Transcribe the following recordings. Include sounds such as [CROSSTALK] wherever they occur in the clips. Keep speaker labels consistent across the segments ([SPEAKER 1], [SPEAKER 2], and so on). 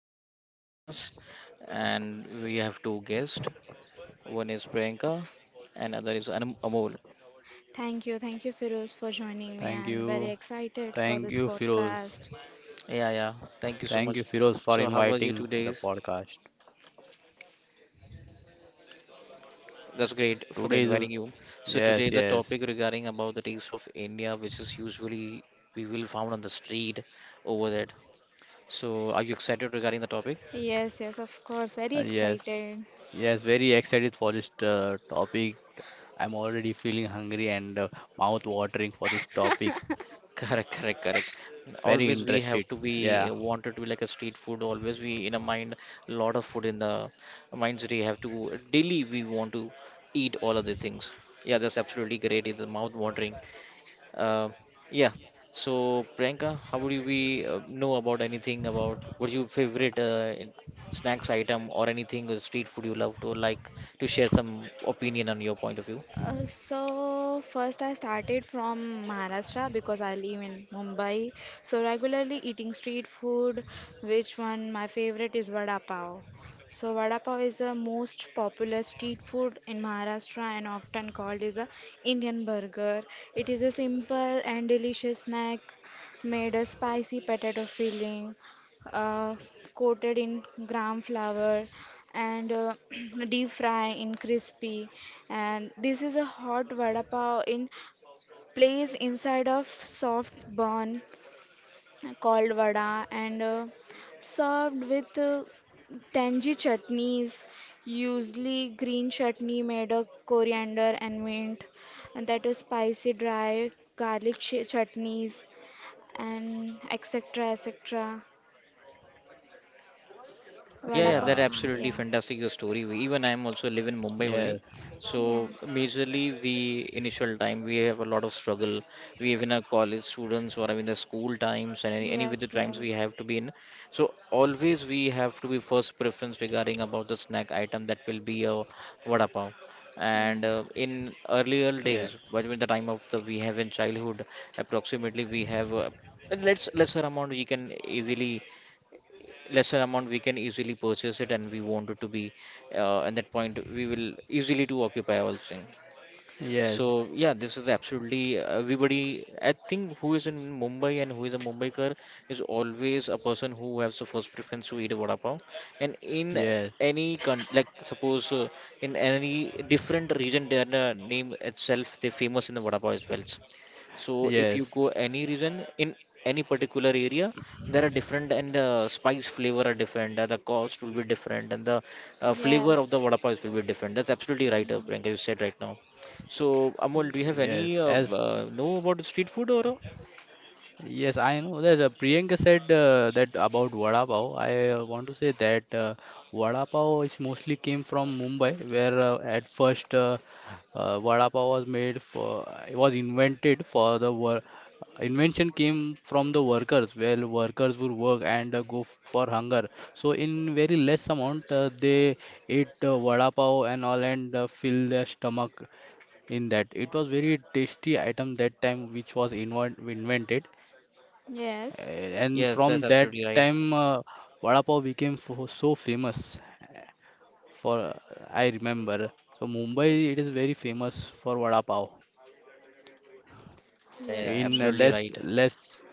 [SPEAKER 1] my another podcast. And we have two guests. One is Priyanka, and other is Amol.
[SPEAKER 2] Thank you, Firoz, for joining me.
[SPEAKER 3] Thank
[SPEAKER 2] I'm
[SPEAKER 3] you.
[SPEAKER 2] very excited
[SPEAKER 3] Thank
[SPEAKER 2] for
[SPEAKER 3] you,
[SPEAKER 2] this
[SPEAKER 3] Firoz.
[SPEAKER 2] podcast.
[SPEAKER 1] Yeah, yeah. Thank you so
[SPEAKER 3] Thank you,
[SPEAKER 1] much.
[SPEAKER 3] Firoz, for
[SPEAKER 1] So, how was your two
[SPEAKER 3] inviting the
[SPEAKER 1] days?
[SPEAKER 3] podcast.
[SPEAKER 1] That's great for the
[SPEAKER 3] Today is a,
[SPEAKER 1] inviting you. So
[SPEAKER 3] yes,
[SPEAKER 1] today the
[SPEAKER 3] yes,
[SPEAKER 1] topic regarding about the taste of India, which is usually we will found on the street over there. So, are you excited regarding the topic?
[SPEAKER 2] Yes, yes, of course, very
[SPEAKER 3] yes,
[SPEAKER 2] excited.
[SPEAKER 3] yes. Very excited for this topic. I'm already feeling hungry and mouth watering for this topic.
[SPEAKER 2] [LAUGHS]
[SPEAKER 1] Correct, correct, correct.
[SPEAKER 3] Very
[SPEAKER 1] Always we have
[SPEAKER 3] interested.
[SPEAKER 1] to be
[SPEAKER 3] Yeah,
[SPEAKER 1] wanted to be like a street food. Always we in a mind, lot of food in the minds. We have to daily we want to eat all of the things. Yeah, that's absolutely great. It's mouth watering. Uh, yeah. So Priyanka, how would you be know about anything about what's your favorite snacks item or anything with street food you love to like to share some opinion on your point of view?
[SPEAKER 2] So first I started from Maharashtra because I live in Mumbai. So regularly eating street food, which one my favorite is vada pav. So vada pav is the most popular street food in Maharashtra and often called is a Indian burger. It is a simple and delicious snack made a spicy potato filling, uh, coated in gram flour and [CLEARS THROAT] deep fry in crispy, and this is a hot vada pav in place inside of soft bun called vada and served with tangy chutneys, usually green chutney made of coriander and mint, and that is spicy dry garlic chutneys and etc etc.
[SPEAKER 1] Yeah,
[SPEAKER 2] Vada
[SPEAKER 1] yeah,
[SPEAKER 2] pav,
[SPEAKER 1] that
[SPEAKER 3] yeah,
[SPEAKER 1] absolutely
[SPEAKER 2] yeah.
[SPEAKER 1] fantastic your story. Even I am also live in Mumbai
[SPEAKER 3] yes,
[SPEAKER 1] only. So
[SPEAKER 2] Yeah.
[SPEAKER 1] majorly we initial time we have a lot of struggle. We even our college students or even the school times and any with the
[SPEAKER 2] Yes,
[SPEAKER 1] times we
[SPEAKER 2] yes.
[SPEAKER 1] have to be in. So always we have to be first preference regarding about the snack item that will be a vada pav.
[SPEAKER 2] Mm.
[SPEAKER 1] And in earlier
[SPEAKER 3] yes,
[SPEAKER 1] days, but when the time of the we have in childhood, approximately we have let's lesser amount we can easily lesser amount we can easily purchase it and we want it to be at that point we will easily to occupy all thing
[SPEAKER 3] yes,
[SPEAKER 1] so yeah, this is absolutely everybody. I think who is in Mumbai and who is a Mumbaikar is always a person who has the first preference to eat a vada pav. And in
[SPEAKER 3] yes,
[SPEAKER 1] any con like suppose in any different region, their name itself they're famous in the vada pav as well. So if you
[SPEAKER 3] yes,
[SPEAKER 1] go any region in any particular area, there are different and the spice flavor are different, the cost will be different, and the flavor of the
[SPEAKER 2] Yes.
[SPEAKER 1] vada pav will be different. That's absolutely right, Priyanka. You
[SPEAKER 2] Mm.
[SPEAKER 1] said right now. So, Amol, do you have
[SPEAKER 3] yes.
[SPEAKER 1] any
[SPEAKER 3] As
[SPEAKER 1] know about the street food or?
[SPEAKER 3] Yes, I know that Priyanka said that about vada pav. I want to say that vada pav is mostly came from Mumbai, where at first vada pav was made for it was invented for the wor invention came from the workers. Well, workers would work and go for hunger. So in very less amount, they ate vada pav and all and fill their stomach in that. It was very tasty item that time which was invented
[SPEAKER 2] Yes.
[SPEAKER 3] And
[SPEAKER 1] Yes,
[SPEAKER 3] from
[SPEAKER 1] that's
[SPEAKER 3] that
[SPEAKER 1] absolutely right.
[SPEAKER 3] time, vada pav became so famous. For uh, I remember, so Mumbai it is very famous for vada pav.
[SPEAKER 1] Yeah, yeah,
[SPEAKER 2] Yes,
[SPEAKER 1] yeah,
[SPEAKER 3] In
[SPEAKER 2] yes.
[SPEAKER 1] absolutely right.
[SPEAKER 3] less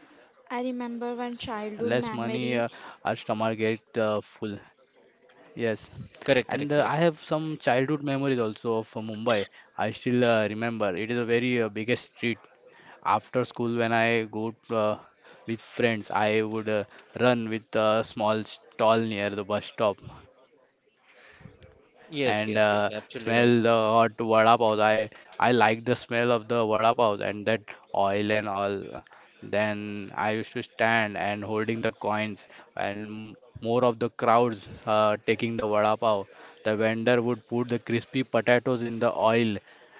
[SPEAKER 2] I
[SPEAKER 3] less money,
[SPEAKER 2] remember one
[SPEAKER 3] our
[SPEAKER 2] childhood
[SPEAKER 3] stomach get
[SPEAKER 2] memory.
[SPEAKER 3] full. Yes, and I have
[SPEAKER 1] Correct, correct,
[SPEAKER 3] some
[SPEAKER 1] correct.
[SPEAKER 3] childhood memories also of Mumbai. I still remember. It is a very biggest street. After school, when I go with friends, I would run with a small stall near the bus stop
[SPEAKER 1] Yes,
[SPEAKER 3] and
[SPEAKER 1] yes, yes, absolutely
[SPEAKER 3] smell
[SPEAKER 1] right.
[SPEAKER 3] the hot vada pav. I like the smell of the vada pav and that oil and all. Then I used to stand and holding the coins and more of the crowds taking the vada pav. The vendor would put the crispy potatoes in the oil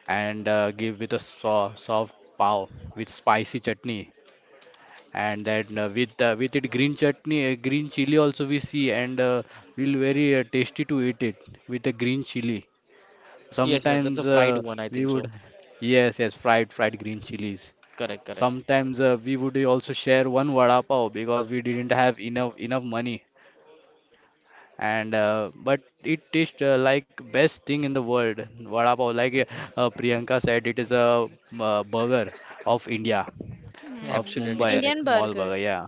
[SPEAKER 3] and give with a so soft pav with spicy chutney and that with it green chutney, green chili also we see and will very tasty to eat it with a green chili.
[SPEAKER 1] Yes, yeah, that's a
[SPEAKER 3] Sometimes
[SPEAKER 1] fried
[SPEAKER 3] uh,
[SPEAKER 1] one, I
[SPEAKER 3] we
[SPEAKER 1] think so.
[SPEAKER 3] would, yes, yes, fried green chilies.
[SPEAKER 1] Correct, correct.
[SPEAKER 3] Sometimes we would also share one vada pav because we didn't have enough money. And but it tastes like best thing in the world. Vada pav, like Priyanka said, it is a burger of India,
[SPEAKER 1] [LAUGHS]
[SPEAKER 3] of
[SPEAKER 2] Mm.
[SPEAKER 1] Absolutely
[SPEAKER 3] Mumbai,
[SPEAKER 1] correct.
[SPEAKER 2] Indian
[SPEAKER 3] small
[SPEAKER 2] burger.
[SPEAKER 3] burger. Yeah,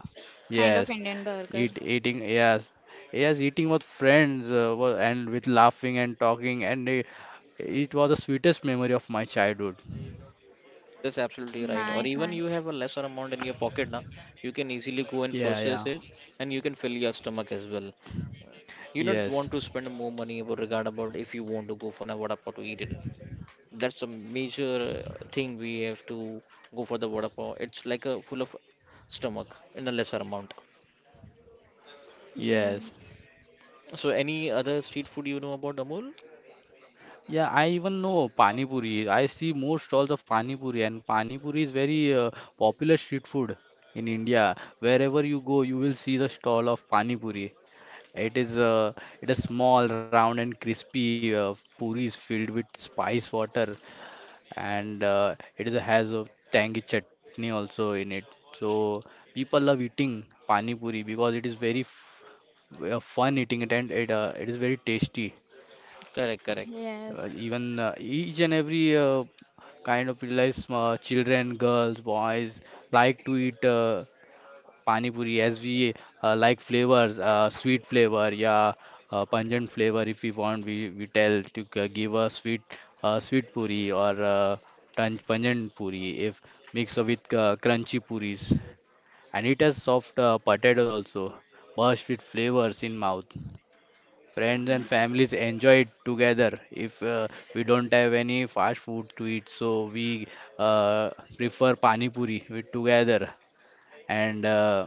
[SPEAKER 2] Kind of
[SPEAKER 3] yes,
[SPEAKER 2] Indian burger.
[SPEAKER 3] eating. Yes, yes, eating with friends and with laughing and talking, and it was the sweetest memory of my childhood.
[SPEAKER 1] That's absolutely right. Or
[SPEAKER 2] Nice,
[SPEAKER 1] even
[SPEAKER 2] nice.
[SPEAKER 1] you have a lesser amount in your pocket now, you can easily go and
[SPEAKER 3] Yeah, yeah.
[SPEAKER 1] purchase it and you can fill your stomach as well. You don't
[SPEAKER 3] Yes,
[SPEAKER 1] want to spend more money about regard about if you want to go for a vada pav to eat it. That's a major thing we have to go for the vada pav. It's like a full of stomach in a lesser amount.
[SPEAKER 3] yes.
[SPEAKER 2] Yes.
[SPEAKER 1] So any other street food you know about Amul?
[SPEAKER 3] Yeah, I even know Pani Puri. I see more stalls of Pani Puri, and Pani Puri is very popular street food in India. Wherever you go, you will see the stall of Pani Puri. It is uh, it is small, round, and crispy. Puri is filled with spice water and it is a has a tangy chutney also in it. So people love eating pani puri because it is very f fun eating it and it is very tasty.
[SPEAKER 1] Correct, correct.
[SPEAKER 2] Yes.
[SPEAKER 3] Even each and every kind of realize children, girls, boys like to eat. Pani puri, as we like flavors, sweet flavor, yeah, pungent flavor, if we want, we tell to give a sweet sweet puri or pungent puri, if mixed with crunchy puris, and it has soft potatoes also, burst with flavors in mouth. Friends and families enjoy it together if we don't have any fast food to eat, so we uh, prefer pani puri with together and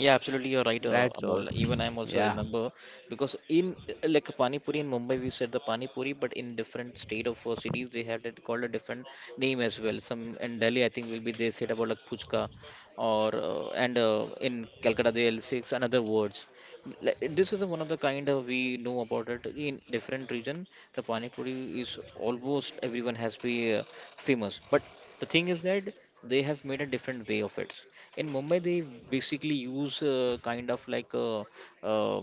[SPEAKER 1] Yeah, absolutely, you're right,
[SPEAKER 3] That's all.
[SPEAKER 1] Amol. Even I'm also
[SPEAKER 3] Yeah.
[SPEAKER 1] remember because in like Pani Puri in Mumbai, we said the Pani Puri, but in different state of cities, they had it called a different name as well. Some in Delhi, I think, will be they said about like Puchka, or and in Calcutta, they'll say it's another words. Like, this is one of the kind of we know about it in different region. The Pani Puri is almost everyone has been famous, but the thing is that they have made a different way of it in Mumbai they basically use kind of like a, uh,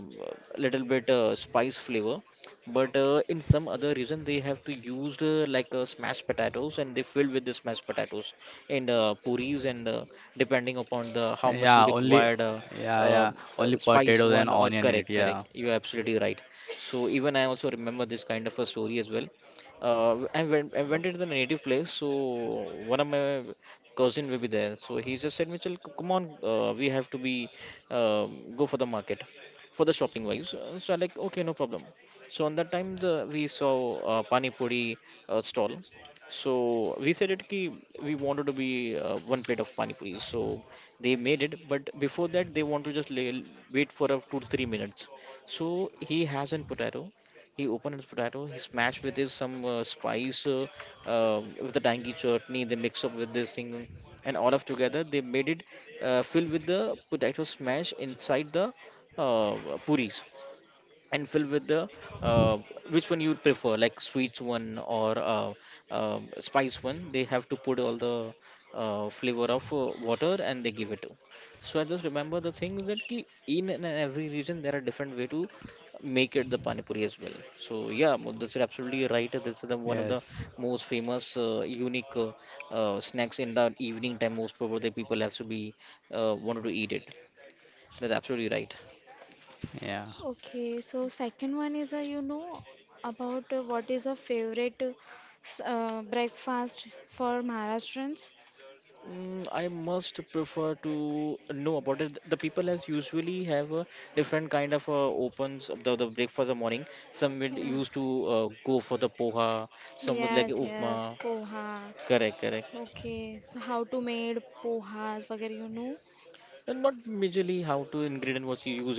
[SPEAKER 1] little bit spice flavor but in some other reason they have to use like smashed potatoes and they fill with the smashed potatoes and puris and depending upon the how
[SPEAKER 3] Yeah,
[SPEAKER 1] much you
[SPEAKER 3] only
[SPEAKER 1] required
[SPEAKER 3] yeah, yeah.
[SPEAKER 1] uh,
[SPEAKER 3] Only
[SPEAKER 1] spice
[SPEAKER 3] potatoes and
[SPEAKER 1] one or
[SPEAKER 3] onion in it.
[SPEAKER 1] correct
[SPEAKER 3] Yeah.
[SPEAKER 1] correct you're absolutely right so even I also remember this kind of a story as well I went to the native place so one of my cousin will be there. So he just said, Mitchell, come on, we have to be go for the market for the shopping wise. So I like okay, no problem. So on that time the we saw pani puri stall. So we said it ki we wanted to be one plate of pani puri. So they made it, but before that they want to just wait for a 2 to 3 minutes. So he has an potato. He opened his potato. He smashed with his some spice with the tangy chutney. They mix up with this thing, and all of together they made it filled with the potato smash inside the uh, puris and fill with the uh, which one you prefer like sweets one or uh, spice one they have to put all the flavor of water and they give it to so I just remember the thing that ki in and every region there are different way to make it the pani puri as well so yeah that's absolutely right this is the one of
[SPEAKER 3] Yes.
[SPEAKER 1] the most famous unique snacks in the evening time most probably people have to be wanted to eat it that's absolutely right.
[SPEAKER 3] Yeah.
[SPEAKER 2] Okay, so second one is a about what is a favorite breakfast for Maharashtrians?
[SPEAKER 1] I must prefer to know about it. The people as usually have a different kind of opens of the breakfast of morning. Some would
[SPEAKER 2] Yeah.
[SPEAKER 1] used to go for the poha, some would like
[SPEAKER 2] Yes, yes,
[SPEAKER 1] upma.
[SPEAKER 2] poha.
[SPEAKER 1] Correct, correct.
[SPEAKER 2] Okay, so how to made pohas, वगैरह you know?
[SPEAKER 1] And not majorly how to ingredient was used.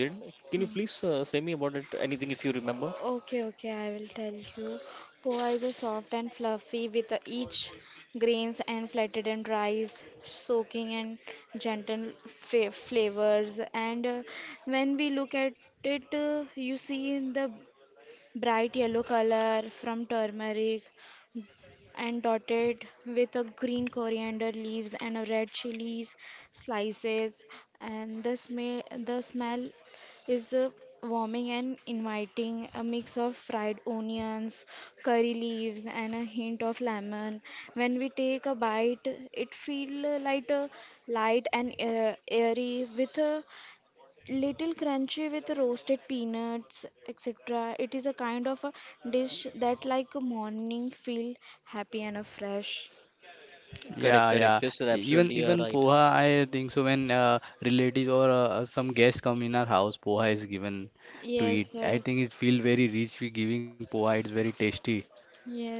[SPEAKER 1] Can you
[SPEAKER 2] Hmm.
[SPEAKER 1] please say me about it? Anything if you remember?
[SPEAKER 2] Okay, okay, I will tell you. Poha is a soft and fluffy with each grains and flattened and rice, soaking and gentle fa flavors. And when we look at it, you see in the bright yellow color from turmeric and dotted with a green coriander leaves and a red chilies slices, and the smell is warming and inviting, a mix of fried onions, curry leaves, and a hint of lemon. When we take a bite, it feel like a light and airy, with a little crunchy with roasted peanuts, etc. It is a kind of a dish that like a morning feel happy and fresh.
[SPEAKER 1] Correct,
[SPEAKER 3] Yeah,
[SPEAKER 1] correct.
[SPEAKER 3] yeah.
[SPEAKER 1] This is
[SPEAKER 3] E- Even
[SPEAKER 1] absolutely
[SPEAKER 3] even
[SPEAKER 1] right.
[SPEAKER 3] poha, I think so when relatives or some guests come in our house, poha is given to
[SPEAKER 2] Yes,
[SPEAKER 3] eat. I
[SPEAKER 2] yes,
[SPEAKER 3] think it feel very rich we giving poha. It's very tasty.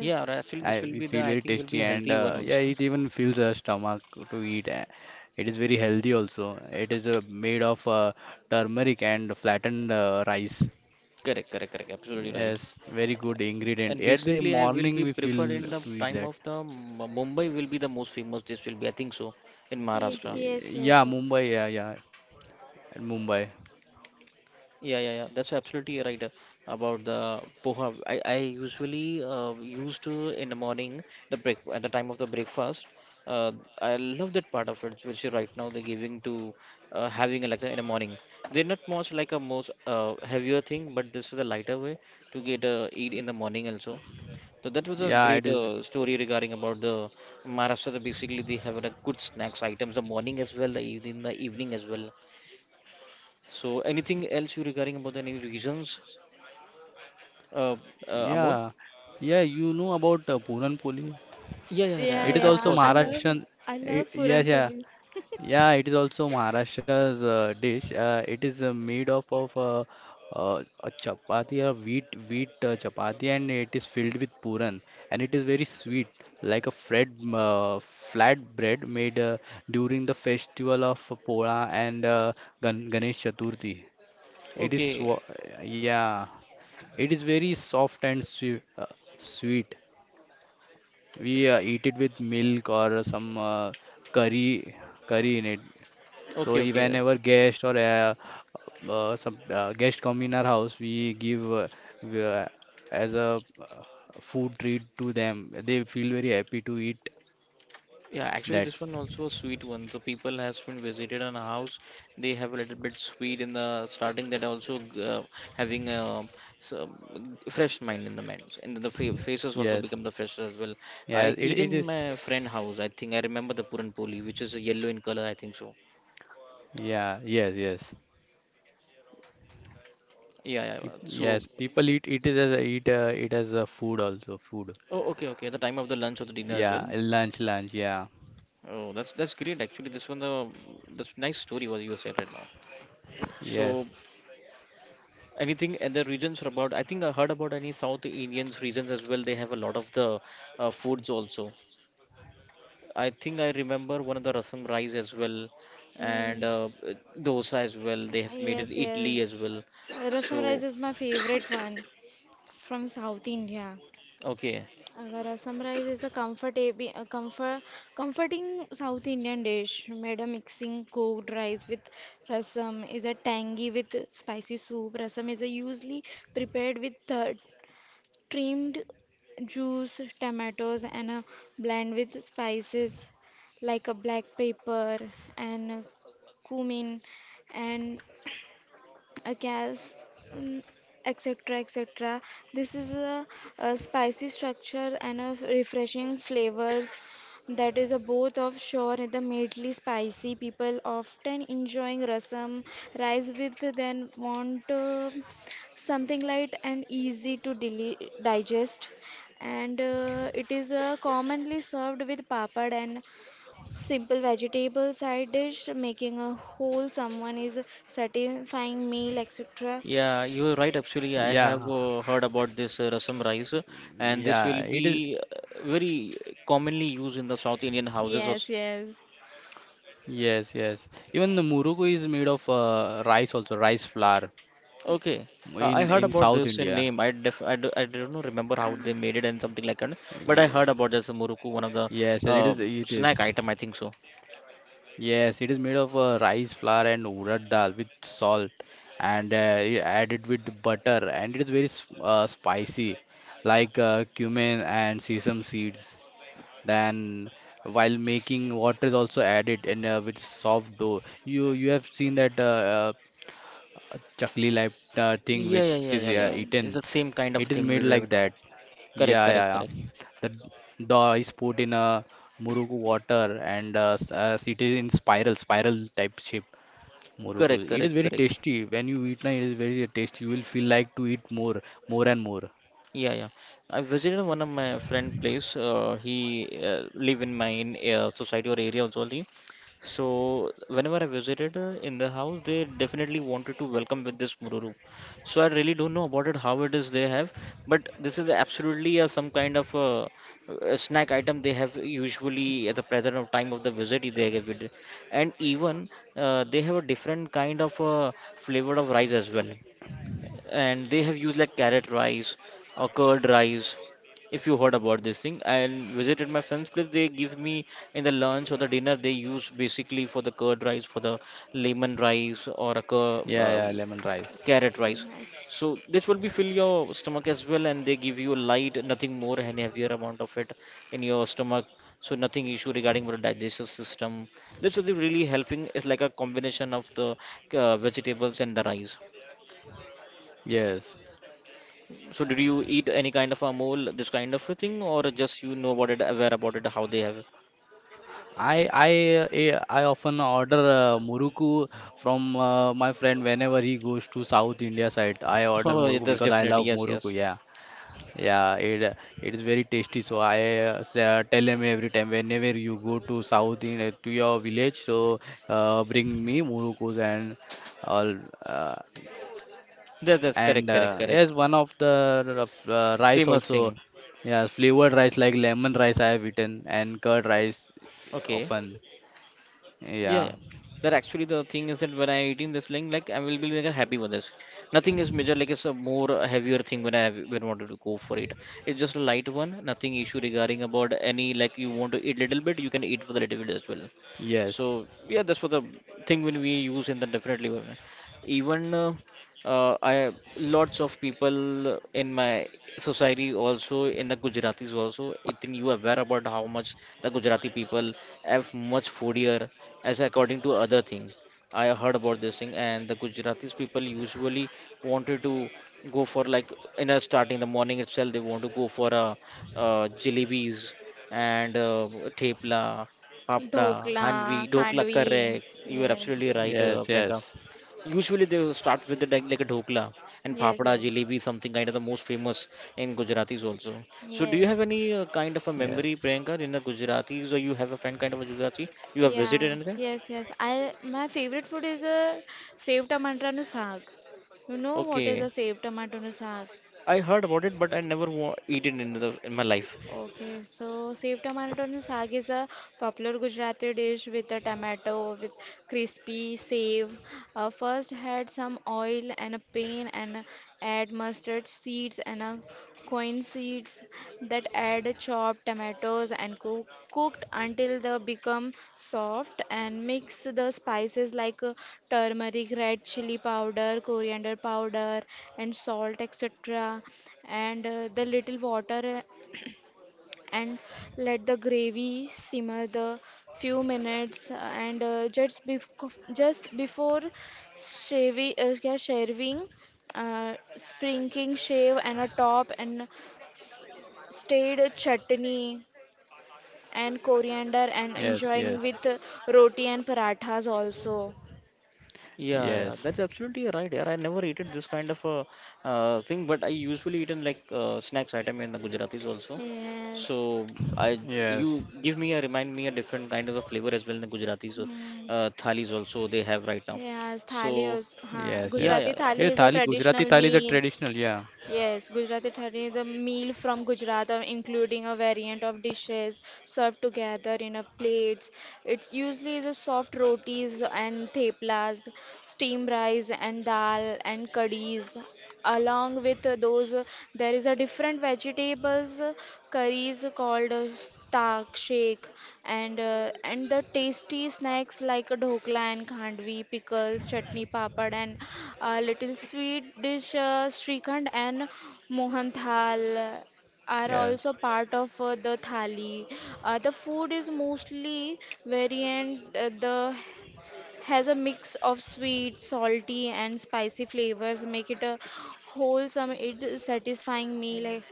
[SPEAKER 1] Yeah, actually
[SPEAKER 3] I
[SPEAKER 1] this
[SPEAKER 3] we
[SPEAKER 1] will be
[SPEAKER 3] feel
[SPEAKER 1] the
[SPEAKER 3] very
[SPEAKER 1] I think will
[SPEAKER 3] tasty
[SPEAKER 1] be a
[SPEAKER 3] and
[SPEAKER 1] healthy one
[SPEAKER 3] yeah,
[SPEAKER 1] also.
[SPEAKER 3] it even fills our stomach to eat. It is very healthy also. It is made of turmeric and flattened rice.
[SPEAKER 1] Correct, correct, correct. Absolutely right.
[SPEAKER 3] Yes, very good ingredient.
[SPEAKER 1] And
[SPEAKER 3] At the
[SPEAKER 1] basically, I will
[SPEAKER 3] morning
[SPEAKER 1] be
[SPEAKER 3] we
[SPEAKER 1] preferred
[SPEAKER 3] feel
[SPEAKER 1] in the
[SPEAKER 3] to eat
[SPEAKER 1] time
[SPEAKER 3] that.
[SPEAKER 1] of the Mumbai will be the most famous. This will be, I think so, in Maharashtra.
[SPEAKER 2] Yes, yes,
[SPEAKER 3] Yeah,
[SPEAKER 2] yes.
[SPEAKER 3] Mumbai. Yeah, yeah, at Mumbai.
[SPEAKER 1] Yeah, yeah, yeah. That's absolutely right about the poha. I usually used to in the morning the break at the time of the breakfast. Uh, I love that part of it, which is right now they're giving to having a lecture in the morning. They're not much like a most heavier thing, but this is a lighter way to get eat in the morning also. So that was a
[SPEAKER 3] Yeah,
[SPEAKER 1] great
[SPEAKER 3] it is.
[SPEAKER 1] story regarding about the Maharashtra. Basically, they have a good snacks items the morning as well, the evening as well. So anything else you regarding about any regions, uh, Amol?
[SPEAKER 3] Yeah, yeah. You know about Puran Poli?
[SPEAKER 1] Yeah, yeah,
[SPEAKER 2] Yeah,
[SPEAKER 3] It is
[SPEAKER 1] yeah, of
[SPEAKER 2] yeah.
[SPEAKER 3] also
[SPEAKER 1] course, of course.
[SPEAKER 3] Maharashtrian.
[SPEAKER 2] I
[SPEAKER 3] eh,
[SPEAKER 2] love
[SPEAKER 3] yes,
[SPEAKER 2] Puran
[SPEAKER 3] yeah.
[SPEAKER 2] Poli.
[SPEAKER 3] Yeah, it is also Maharashtra's dish. It is made up of a chapati or wheat wheat chapati, and it is filled with puran, and it is very sweet, like a flat bread made during the festival of Pola and Ganesh Chaturthi. It is swa
[SPEAKER 1] Okay,
[SPEAKER 3] Yeah, it is very soft and sweet. Sweet. We eat it with milk or some curry curry in it. So
[SPEAKER 1] okay, okay.
[SPEAKER 3] whenever guest or some guest come in our house, we give we, uh, as a food treat to them. They feel very happy to eat
[SPEAKER 1] Yeah, actually,
[SPEAKER 3] that.
[SPEAKER 1] this one also a sweet one. So people has been visited on a house. They have a little bit sweet in the starting that also having a so, fresh mind in the mind, and the fa faces also
[SPEAKER 3] Yes,
[SPEAKER 1] become the fresh as well. I
[SPEAKER 3] yes, it
[SPEAKER 1] eat
[SPEAKER 3] it
[SPEAKER 1] in
[SPEAKER 3] is.
[SPEAKER 1] my friend house. I think I remember the Puran Poli, which is a yellow in color. I think so.
[SPEAKER 3] Yeah, yes, yes.
[SPEAKER 1] Yeah, yeah. So,
[SPEAKER 3] Yes. People eat it is as a, eat it as a food also food.
[SPEAKER 1] oh, okay, okay. The time of the lunch or the dinner as well.
[SPEAKER 3] Yeah, lunch, lunch. Yeah,
[SPEAKER 1] Oh, that's great. Actually, this one the that's nice story what you said right now.
[SPEAKER 3] yes,
[SPEAKER 1] So. Anything other regions about? I think I heard about any South Indians regions as well. They have a lot of the foods also. I think I remember one of the rasam rice as well, and
[SPEAKER 2] Yeah.
[SPEAKER 1] dosa as well. They have made
[SPEAKER 2] Yes,
[SPEAKER 1] it
[SPEAKER 2] yes.
[SPEAKER 1] idli as well.
[SPEAKER 2] Rasam rice
[SPEAKER 1] So
[SPEAKER 2] is my favorite one. From South India.
[SPEAKER 1] okay,
[SPEAKER 2] अगर Assam rice is a comforting South Indian dish made a mixing cooked rice with rasam, is a tangy with spicy soup. Rasam is a usually prepared with trimmed juice, tomatoes, and a blend with spices like a black pepper and cumin and a gas, mm, etc. etc. This is a spicy structure and a refreshing flavors that is a both of sure and the mildly spicy. People often enjoying rasam rice with then want something light and easy to deli digest, and it is commonly served with papad and simple vegetable side dish, making a whole someone is satisfying meal, etc.
[SPEAKER 1] yeah, you're right. Actually, I have
[SPEAKER 3] yeah,
[SPEAKER 1] heard about this rasam rice, and this
[SPEAKER 3] yeah.
[SPEAKER 1] will
[SPEAKER 3] It is.
[SPEAKER 1] be very commonly used in the South Indian houses or
[SPEAKER 2] Yes, yes.
[SPEAKER 3] Yes, yes. Even the muruku is made of rice flour,
[SPEAKER 1] okay, I heard
[SPEAKER 3] in
[SPEAKER 1] about
[SPEAKER 3] South
[SPEAKER 1] this in
[SPEAKER 3] India.
[SPEAKER 1] name. I def I, do, I don't know remember how
[SPEAKER 2] Ah,
[SPEAKER 1] they made it and something like that. But I
[SPEAKER 3] Ye-
[SPEAKER 1] heard about this muruku, one of the
[SPEAKER 3] Yes, it
[SPEAKER 1] uh,
[SPEAKER 3] is. It
[SPEAKER 1] snack
[SPEAKER 3] is.
[SPEAKER 1] item. I think so.
[SPEAKER 3] Yes, it is made of rice flour and urad dal with salt and added with butter, and it is very spicy, like cumin and sesame seeds. Then, while making, water is also added and with soft dough. You have seen that a chakli like thing
[SPEAKER 1] Yeah,
[SPEAKER 3] which
[SPEAKER 1] yeah,
[SPEAKER 3] is
[SPEAKER 1] yeah, yeah, yeah.
[SPEAKER 2] yeah.
[SPEAKER 3] eaten.
[SPEAKER 1] It's the
[SPEAKER 3] It is
[SPEAKER 1] same
[SPEAKER 3] made
[SPEAKER 1] kind of
[SPEAKER 3] like
[SPEAKER 1] thing we
[SPEAKER 3] that.
[SPEAKER 1] have now.
[SPEAKER 3] Yeah, yeah,
[SPEAKER 1] Correct,
[SPEAKER 3] yeah.
[SPEAKER 1] correct, correct,
[SPEAKER 3] The d- Dough is put in a muruku water and it is in spiral type shape. Muruku.
[SPEAKER 1] correct,
[SPEAKER 3] It is
[SPEAKER 1] correct,
[SPEAKER 3] very
[SPEAKER 1] correct.
[SPEAKER 3] tasty. When you eat, na, it is very tasty. You will feel like to eat more, more and more.
[SPEAKER 1] Yeah, yeah. I visited one of my friend place. He live in my society or area also. Only. So whenever I visited in the house, they definitely wanted to welcome with this mururu. So I really don't know about it, how it is they have, but this is absolutely some kind of a snack item they have usually at the present of time of the visit they have it, and even they have a different kind of flavor of rice as well, and they have used like carrot rice or curd rice. If you heard about this thing and visited my friend's place, they give me in the lunch or the dinner. They use basically for the curd rice, for the lemon rice, or a
[SPEAKER 3] Yeah, yeah, lemon rice.
[SPEAKER 1] carrot rice. So this will be fill your stomach as well, and they give you light, nothing more and heavier amount of it in your
[SPEAKER 2] Like
[SPEAKER 1] stomach. So nothing issue regarding the digestive system. This will be really helping. It's like a combination of the vegetables and the rice.
[SPEAKER 3] Yes.
[SPEAKER 1] So did you eat any kind of a mole, this kind of a thing, or just you know about it, aware about it, how they have? [LAUGHS]
[SPEAKER 3] I I I often order muruku from my friend whenever he goes to South India side. I order
[SPEAKER 1] Oh, yeah,
[SPEAKER 3] muruku
[SPEAKER 1] that's
[SPEAKER 3] because I
[SPEAKER 1] definitely
[SPEAKER 3] love
[SPEAKER 1] yes, yes.
[SPEAKER 3] muruku. Yeah. Yeah, it is very tasty. So I tell him every time whenever you go to south in to your village, so bring me murukus and all. Uh,
[SPEAKER 1] That, that's
[SPEAKER 3] and
[SPEAKER 1] correct, correct, correct.
[SPEAKER 3] Yes, one of the rice
[SPEAKER 1] Famous
[SPEAKER 3] also.
[SPEAKER 1] thing.
[SPEAKER 3] Yeah, flavored rice like lemon rice I have eaten and curd rice
[SPEAKER 1] Okay.
[SPEAKER 3] often.
[SPEAKER 1] Yeah,
[SPEAKER 3] Yeah.
[SPEAKER 1] yeah. That actually the thing is that when I eating this thing, like I will be like happy with this. Nothing is major, like it's a more heavier thing when I have when wanted to go for it. It's just a light one, nothing issue regarding about any, like you want to eat little bit, you can eat for the little bit as well.
[SPEAKER 3] Yes.
[SPEAKER 1] So yeah, that's for the thing when we use in the definitely. One. Even I lots of people in my society also, in the Gujaratis also. Ethan, you aware about how much the Gujarati people have much foodier as according to other thing. I heard about this thing, and the Gujaratis people usually wanted to go for, like, in the starting the morning itself they want to go for jalebis and thepla, papda,
[SPEAKER 2] dhokla,
[SPEAKER 1] hanvi, dokla,
[SPEAKER 2] khandvi.
[SPEAKER 1] correct. You are
[SPEAKER 3] Yes.
[SPEAKER 2] Yes.
[SPEAKER 1] absolutely
[SPEAKER 3] Yes.
[SPEAKER 1] right, Priyanka. Usually they will start with the like a dhokla and
[SPEAKER 2] Yes,
[SPEAKER 1] papda, jalebi, something kind of the most famous in Gujaratis also. So do you have
[SPEAKER 2] yes.
[SPEAKER 1] any
[SPEAKER 3] Yeah.
[SPEAKER 1] kind of a memory, Priyanka, in the Gujaratis, or you
[SPEAKER 2] Yes.
[SPEAKER 1] have a friend kind of a Gujarati, you have
[SPEAKER 2] Yeah,
[SPEAKER 1] visited anything?
[SPEAKER 2] yes, yes. I my favorite food is a saved tomato and saag. You know what is
[SPEAKER 1] Okay.
[SPEAKER 2] a saved tomato and saag?
[SPEAKER 1] I heard about it, but I never eat it in the in my life.
[SPEAKER 2] Okay, so saved tomato and saag is a popular Gujarati dish with a tomato with crispy save. First add some oil and a pan, and add mustard seeds and a coin seeds, that add chopped tomatoes and cooked until they become soft, and mix the spices like turmeric, red chili powder, coriander powder, and salt etc. And the little water, and let the gravy simmer the few minutes, and just before shaving, क्या shaving, sprinkling shave and a top, and s- stayed chutney and coriander, and
[SPEAKER 3] Yes.
[SPEAKER 2] enjoying
[SPEAKER 3] Yes.
[SPEAKER 2] with
[SPEAKER 3] Yes.
[SPEAKER 2] roti and parathas also.
[SPEAKER 1] Yeah, yeah,
[SPEAKER 3] Yes.
[SPEAKER 1] that's absolutely right. Yeah, I never eat it this kind of a thing, but I usually eat in like snacks item in the Gujaratis also.
[SPEAKER 2] Yes.
[SPEAKER 1] So I you give me a remind me a different kind of a flavor as well in the Gujaratis
[SPEAKER 2] Hmm.
[SPEAKER 1] thalis also they have right now.
[SPEAKER 2] Yes, thali
[SPEAKER 1] So
[SPEAKER 2] is,
[SPEAKER 3] Yes.
[SPEAKER 2] huh.
[SPEAKER 3] Yes.
[SPEAKER 1] yeah, yeah,
[SPEAKER 2] Gujarati
[SPEAKER 3] Yeah,
[SPEAKER 1] yeah.
[SPEAKER 2] thali
[SPEAKER 3] thali
[SPEAKER 2] is a
[SPEAKER 3] Gujarati thali
[SPEAKER 2] traditional
[SPEAKER 3] is a
[SPEAKER 2] meal.
[SPEAKER 3] traditional. Yeah.
[SPEAKER 2] Yes, Gujarati thali is a meal from Gujarat, including a variant of dishes served together in a plates. It's usually the soft rotis and theplas, steamed rice and dal and curries. Along with those, there is a different vegetables curries called tak, shake, and the tasty snacks like dhokla and khandvi, pickles, chutney, papad, and a little sweet dish srikhand and mohan thal are
[SPEAKER 3] Yes,
[SPEAKER 2] also part of the thali. The food is mostly variant. The has a mix of sweet, salty, and spicy flavors, make it a wholesome, it satisfying meal. Like.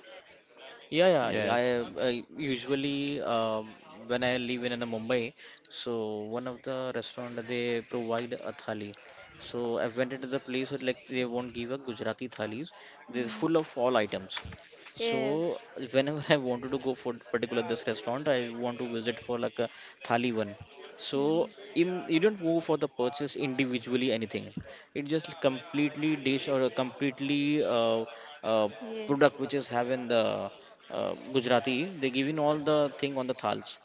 [SPEAKER 1] Yeah,
[SPEAKER 3] yes.
[SPEAKER 1] yeah. I usually when I live in Mumbai, so one of the restaurant they provide a thali. So I went into the place and, like, they won't give a Gujarati thalis. They're
[SPEAKER 2] Hmm.
[SPEAKER 1] full of all items.
[SPEAKER 2] Yes.
[SPEAKER 1] So whenever I wanted to go for particular this restaurant, I want to visit for like a thali one. So in you don't go for the purchase individually anything. It just completely dish or a completely uh,
[SPEAKER 2] Yeah.
[SPEAKER 1] product which is having the Gujarati, they giving all the thing on the thals.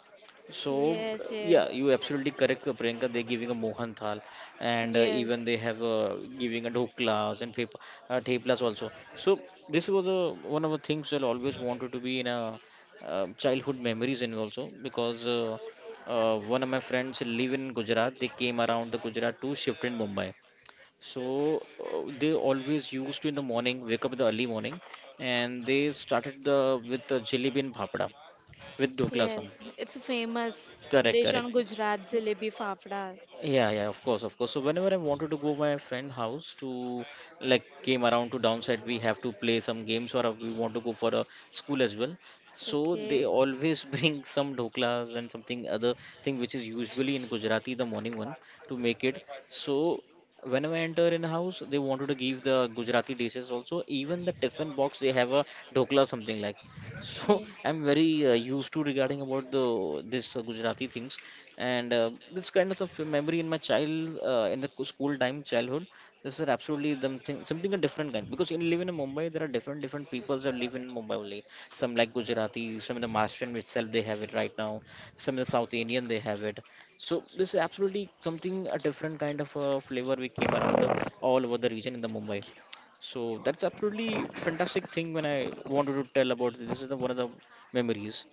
[SPEAKER 1] So
[SPEAKER 2] Yes, yeah.
[SPEAKER 1] yeah, you absolutely correct, Priyanka. They're giving a Mohan Thal, and even they have giving a dhoklas and paper, theplas also. So this was a, one of the things that I always wanted to be in a childhood memories, and also because one of my friends live in Gujarat. They came around the Gujarat to
[SPEAKER 2] Yes.
[SPEAKER 1] shift in Mumbai. So they always used to in the morning, wake up in the early morning, and they started the with the jalebi and bhapada with dokla
[SPEAKER 2] Yes,
[SPEAKER 1] sam.
[SPEAKER 2] it's a famous
[SPEAKER 1] Correct,
[SPEAKER 2] dish on
[SPEAKER 1] correct.
[SPEAKER 2] Gujarat, jalebi fafda.
[SPEAKER 1] Yeah, yeah, of course, of course. So whenever I wanted to go my friend house to like came around to downside, we have to play some games or we want to go for a school as well.
[SPEAKER 2] So.
[SPEAKER 1] So they
[SPEAKER 2] Okay.
[SPEAKER 1] always [LAUGHS] bring some dhoklas and something other thing which is usually in Gujarati the morning one to make it. So whenever I enter in a house, they wanted to give the Gujarati dishes also. Even the tiffin box they have a dhokla or something like. So
[SPEAKER 2] Yeah. And
[SPEAKER 1] [LAUGHS] I'm very used to regarding about the this Gujarati things, and this kind of a memory in my child in the school time childhood. This is absolutely them thing, something a different kind, because in living in Mumbai there are different different peoples that live in Mumbai only. Some like Gujarati, some in the Maharashtrian itself they have it right now, some in the South Indian they have it. So this is absolutely something a different kind of flavor we came around all over the region in the Mumbai. So that's absolutely fantastic thing when I wanted to tell about this. This is the, one of the memories.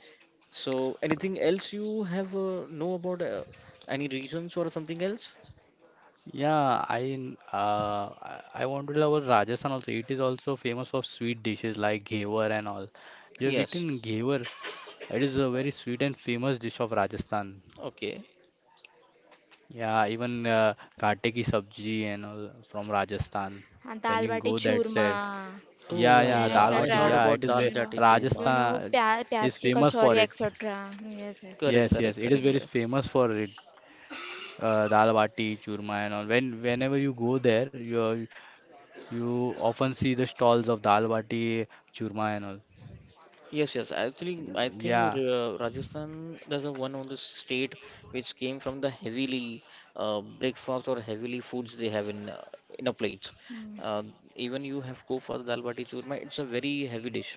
[SPEAKER 1] So, anything else you have know about any regions or something else?
[SPEAKER 3] Yeah, I n- I want to tell about Rajasthan also. It is also famous for sweet dishes like ghewar and all. You have
[SPEAKER 1] Yes.
[SPEAKER 3] eaten ghewar. It is a very sweet and famous dish of Rajasthan.
[SPEAKER 1] Okay.
[SPEAKER 3] Yeah, even gatte ki sabji and all from Rajasthan. When
[SPEAKER 2] dal
[SPEAKER 3] you
[SPEAKER 2] bati
[SPEAKER 3] go that
[SPEAKER 2] churma
[SPEAKER 3] side,
[SPEAKER 1] Oh
[SPEAKER 3] yeah,
[SPEAKER 1] yeah, yeah,
[SPEAKER 3] yeah,
[SPEAKER 2] and
[SPEAKER 1] yeah.
[SPEAKER 3] dal
[SPEAKER 1] I
[SPEAKER 3] bati.
[SPEAKER 1] heard
[SPEAKER 2] etc.
[SPEAKER 3] Yeah, it
[SPEAKER 1] about
[SPEAKER 3] is
[SPEAKER 1] Dal
[SPEAKER 3] very.
[SPEAKER 2] You know,
[SPEAKER 1] Jati
[SPEAKER 2] you
[SPEAKER 1] Kurma.
[SPEAKER 2] know,
[SPEAKER 3] Rajasthan
[SPEAKER 2] pyaz
[SPEAKER 3] is
[SPEAKER 2] ki
[SPEAKER 3] famous for
[SPEAKER 2] kachori
[SPEAKER 3] it.
[SPEAKER 2] etc. Yes, yes.
[SPEAKER 1] Correct,
[SPEAKER 3] Yes, yes,
[SPEAKER 1] correct,
[SPEAKER 3] it is
[SPEAKER 1] correct,
[SPEAKER 2] Yeah.
[SPEAKER 3] very
[SPEAKER 1] correct.
[SPEAKER 3] famous for it. Uh, dal bati, churma, and all. When whenever you go there, you often see the stalls of dal bati, churma, and all.
[SPEAKER 1] Yes, yes. Actually, I
[SPEAKER 3] Yeah,
[SPEAKER 1] think Rajasthan does a one on the state which came from the heavily breakfast or heavily foods they have in a plate.
[SPEAKER 2] Hmm.
[SPEAKER 1] Uh, Even you have go for the Dal Bati Churma. It's a very heavy dish.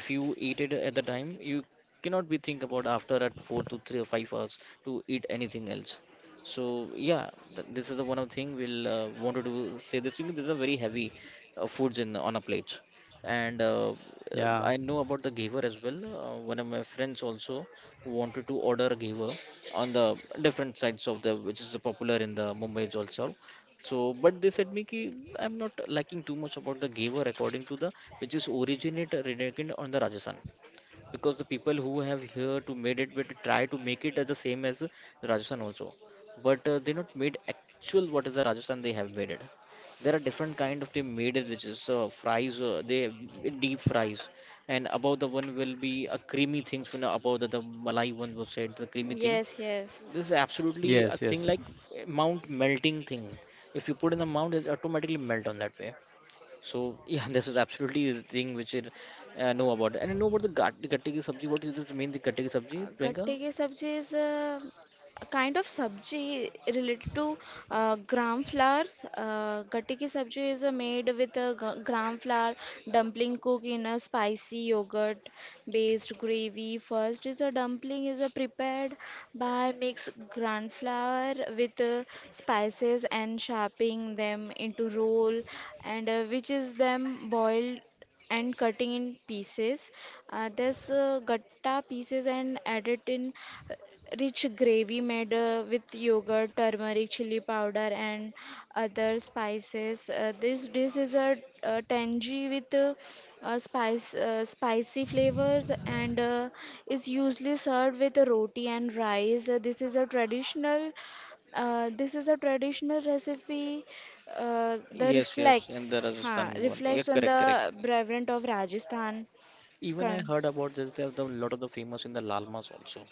[SPEAKER 1] If you eat it at the time, you cannot be think about after at 4 to 3 or 5 hours to eat anything else. So yeah, this is the one of thing we'll wanted to say this thing. These are very heavy foods in on a plate, and
[SPEAKER 3] yeah,
[SPEAKER 1] I know about the giver as well. One of my friends also wanted to order a giver on the different sides of the, which is popular in the Mumbai also. So, but they said me ki I'm not liking too much about the giver according to the, which is originate renegade on the Rajasthan, because the people who have here to made it but try to make it as the same as the Rajasthan also, but they not made actual what is the Rajasthan they have made it. There are different kind of they made it, which is fries,
[SPEAKER 2] uh,
[SPEAKER 1] they deep fries, and above the one will be a creamy things when above the malai one was said the creamy thing.
[SPEAKER 2] Yes, yes.
[SPEAKER 1] This is absolutely a
[SPEAKER 3] yes,
[SPEAKER 1] thing
[SPEAKER 3] yes,
[SPEAKER 1] like mount melting thing. If you put in the mount, it automatically melt on that way. So yeah, [LAUGHS] this is absolutely the thing which I know about. And I know about the the gatte ki sabji. What is this mean, the gatte ki sabji,
[SPEAKER 2] Gatte
[SPEAKER 1] Priyanka?
[SPEAKER 2] ki sabji is a kind of sabji related to gram flour. Gatte ki sabji is made with a gram flour dumpling cooked in a spicy yogurt based gravy. First is a dumpling is prepared by mix gram flour with spices and shaping them into roll, and which is them boiled and cutting in pieces. This gatta pieces and added in uh, rich gravy made with yogurt, turmeric, chili powder, and other spices. This dish is a tangy with spicy flavors, and is usually served with roti and rice. This is a traditional. This is a traditional recipe the
[SPEAKER 1] Yes, yes, and the Rajasthan one. Yeah,
[SPEAKER 2] reflects on
[SPEAKER 1] correct,
[SPEAKER 2] the
[SPEAKER 1] correct.
[SPEAKER 2] Brahmin of Rajasthan.
[SPEAKER 1] Even I
[SPEAKER 2] Kan.
[SPEAKER 1] heard about this. There are a lot of the famous in the Lalmas also.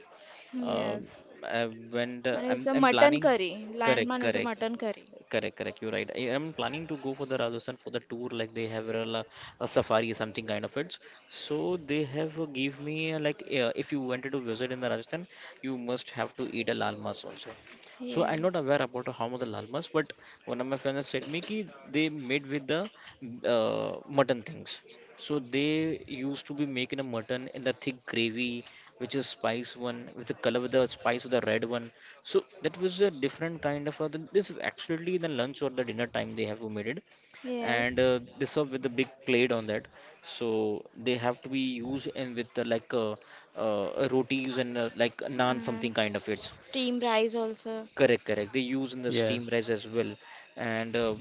[SPEAKER 1] Uh,
[SPEAKER 2] Yes.
[SPEAKER 1] I went. Uh,
[SPEAKER 2] And it's
[SPEAKER 1] I'm
[SPEAKER 2] a
[SPEAKER 1] I'm
[SPEAKER 2] mutton
[SPEAKER 1] planning.
[SPEAKER 2] curry. Lion
[SPEAKER 1] Correct,
[SPEAKER 2] man is a
[SPEAKER 1] correct.
[SPEAKER 2] mutton curry.
[SPEAKER 1] Correct, correct. You're right. I am planning to go for the Rajasthan for the tour. Like they have a, a safari, something kind of it. So they have give me like if you wanted to visit in the Rajasthan, you must have to eat a lal mas also. So
[SPEAKER 2] Yeah.
[SPEAKER 1] I'm not aware about how much the lal mas, but one of my friends said me ki they made with the mutton things. So they used to be making a mutton in the thick gravy, which is spice one with the color, with the spice with the red one. So that was a different kind of a, this is absolutely the lunch or the dinner time they have made it,
[SPEAKER 2] Yes.
[SPEAKER 1] and they serve with a big plate on that. So they have to be used in with the, like rotis and like naan,
[SPEAKER 2] Uh,
[SPEAKER 1] something kind of it.
[SPEAKER 2] Steam rice also.
[SPEAKER 1] Correct, correct. They use in the steam
[SPEAKER 3] yes,
[SPEAKER 1] rice as well, and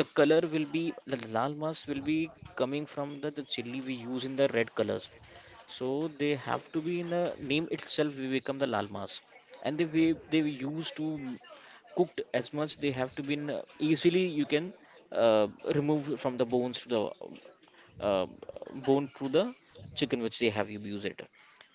[SPEAKER 1] the color will be the lal mas will be coming from the chili we use in the red colors. So they have to be in a name itself. We become the lal mas, and the way they were used to cooked as much they have to be in, easily you can uh, remove from the bones to the uh, bone through the chicken which they have used it.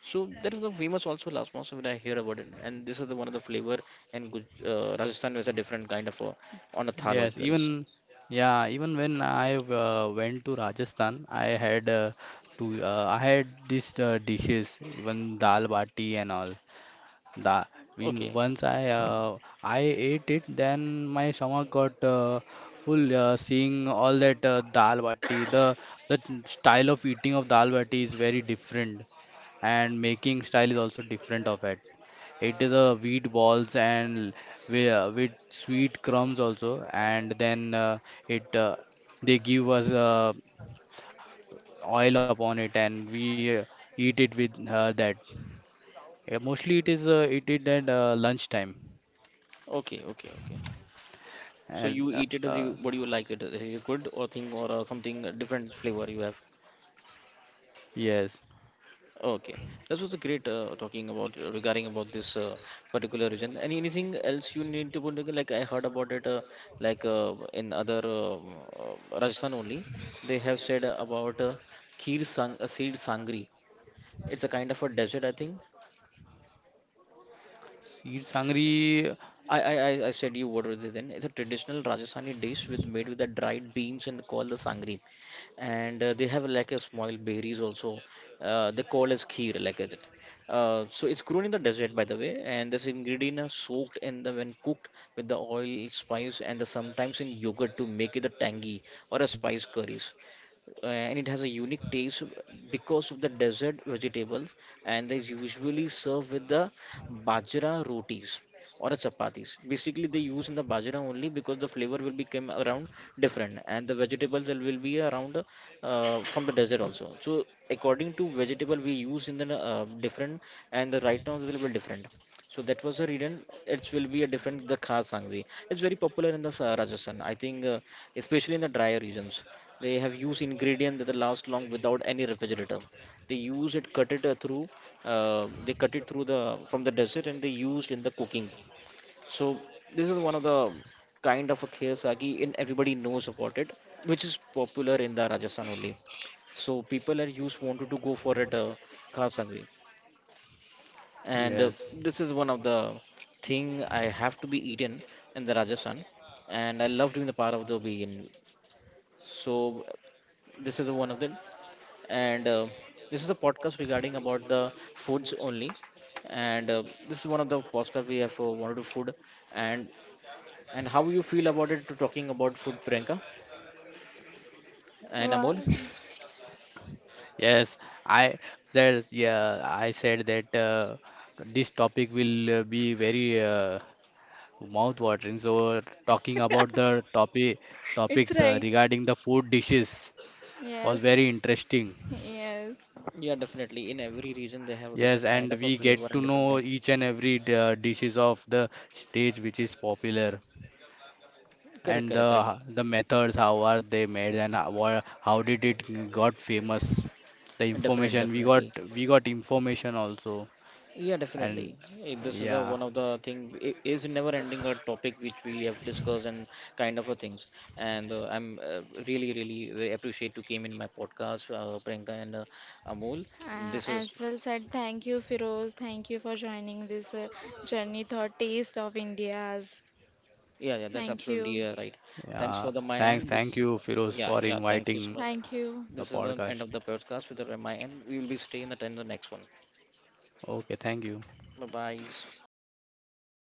[SPEAKER 1] So there is the famous also last month when I hear about it, and this is the one of the flavor, and Rajasthan has a different kind of a, on a thal
[SPEAKER 3] yes.
[SPEAKER 1] as well.
[SPEAKER 3] Even yeah, even when I went to Rajasthan, to I had these dishes, even dal bati and all. That when
[SPEAKER 1] Okay,
[SPEAKER 3] once I ate it, then my stomach got full. Seeing all that dal bati, the style of eating of dal bati is very different, and making style is also different of it. It is a wheat balls and with sweet crumbs also, and then it they give us oil upon it, and we eat it with that. Yeah, mostly it is at lunchtime
[SPEAKER 1] okay, okay, okay. So you
[SPEAKER 3] and
[SPEAKER 1] eat it as you what do you like it? Is it good or thing or something different flavor you have?
[SPEAKER 3] yes,
[SPEAKER 1] Okay, that was a great talking about regarding about this particular region. And anything else you need to put together? Like I heard about it, like in other Rajasthan only, they have said about Kheer Sang Seed Sangri. It's a kind of a desert, I think.
[SPEAKER 3] she's hungry.
[SPEAKER 1] I said you what are they then? It's a traditional Rajasthani dish with made with the dried beans and called the sangri. And they have like a small berries also. They call as kheer like it. So it's grown in the desert by the way, and this ingredient is soaked in the when cooked with the oil, spice, and the, sometimes in yogurt to make it a tangy or a spice curries. And it has a unique taste because of the desert vegetables, and is usually served with the bajra rotis or a chapatis. Basically, they use in the bajra only because the flavor will become around different, and the vegetables will be around from the desert also. So according to vegetable we use in the different, and the right now it will be different. So that was the reason it will be a different the khas sangvi. It's very popular in the Rajasthan. I think especially in the drier regions, they have used ingredient that will last long without any refrigerator. They use it, cut it through, they cut it through the from the desert, and they used in the cooking. So this is one of the kind of a kheer sagi, and everybody knows about it, which is popular in the Rajasthan only. So people are used wanted to go for it kheer, and
[SPEAKER 3] Yes,
[SPEAKER 1] this is one of the thing I have to be eaten in the Rajasthan, and I love doing the part of the vegan. So this is one of them, and this is a podcast regarding about the foods only, and this is one of the podcast we have wanted to food, and And how you feel about it to talking about food, Priyanka and
[SPEAKER 2] Wow.
[SPEAKER 1] Amol?
[SPEAKER 3] yes. I said yeah. I said that this topic will be very mouth-watering. So talking about the
[SPEAKER 2] It's
[SPEAKER 3] topics
[SPEAKER 2] right.
[SPEAKER 3] regarding the food dishes was
[SPEAKER 2] Yes.
[SPEAKER 3] very interesting.
[SPEAKER 2] Yes.
[SPEAKER 1] Yeah, definitely. In every region, they have a
[SPEAKER 3] Yes,
[SPEAKER 1] different
[SPEAKER 3] and
[SPEAKER 1] kind of a
[SPEAKER 3] we get
[SPEAKER 1] flavor and
[SPEAKER 3] to
[SPEAKER 1] different
[SPEAKER 3] know
[SPEAKER 1] kind.
[SPEAKER 3] each and every dishes of the stage which is popular,
[SPEAKER 1] Correct,
[SPEAKER 3] and the
[SPEAKER 1] correct, correct.
[SPEAKER 3] methods how are they made and how, how did it got famous, the
[SPEAKER 1] Definitely,
[SPEAKER 3] information we got.
[SPEAKER 1] definitely.
[SPEAKER 3] We got information also,
[SPEAKER 1] Yeah, definitely.
[SPEAKER 3] and
[SPEAKER 1] Eh, this is the
[SPEAKER 3] yeah,
[SPEAKER 1] one of the thing is never ending a topic which we have discussed and kind of a things. And I'm really, really very appreciate to came in my podcast, Priyanka and Amol. This is
[SPEAKER 2] As well said, thank you, Firoz. Thank you for joining this journey thought taste of India's.
[SPEAKER 1] yeah, yeah, that's
[SPEAKER 2] Thank
[SPEAKER 1] absolutely
[SPEAKER 2] you.
[SPEAKER 1] right. Thanks
[SPEAKER 3] yeah,
[SPEAKER 1] for the my end.
[SPEAKER 3] thank
[SPEAKER 1] This,
[SPEAKER 3] you, Firoz,
[SPEAKER 1] yeah,
[SPEAKER 3] for
[SPEAKER 1] yeah. Thank you so
[SPEAKER 3] inviting
[SPEAKER 1] much.
[SPEAKER 2] Thank you.
[SPEAKER 3] the
[SPEAKER 1] This is the end
[SPEAKER 3] podcast.
[SPEAKER 1] of the podcast with the my end. We will be staying at the next one.
[SPEAKER 3] Okay, thank you.
[SPEAKER 1] Bye bye.
[SPEAKER 3] Bye.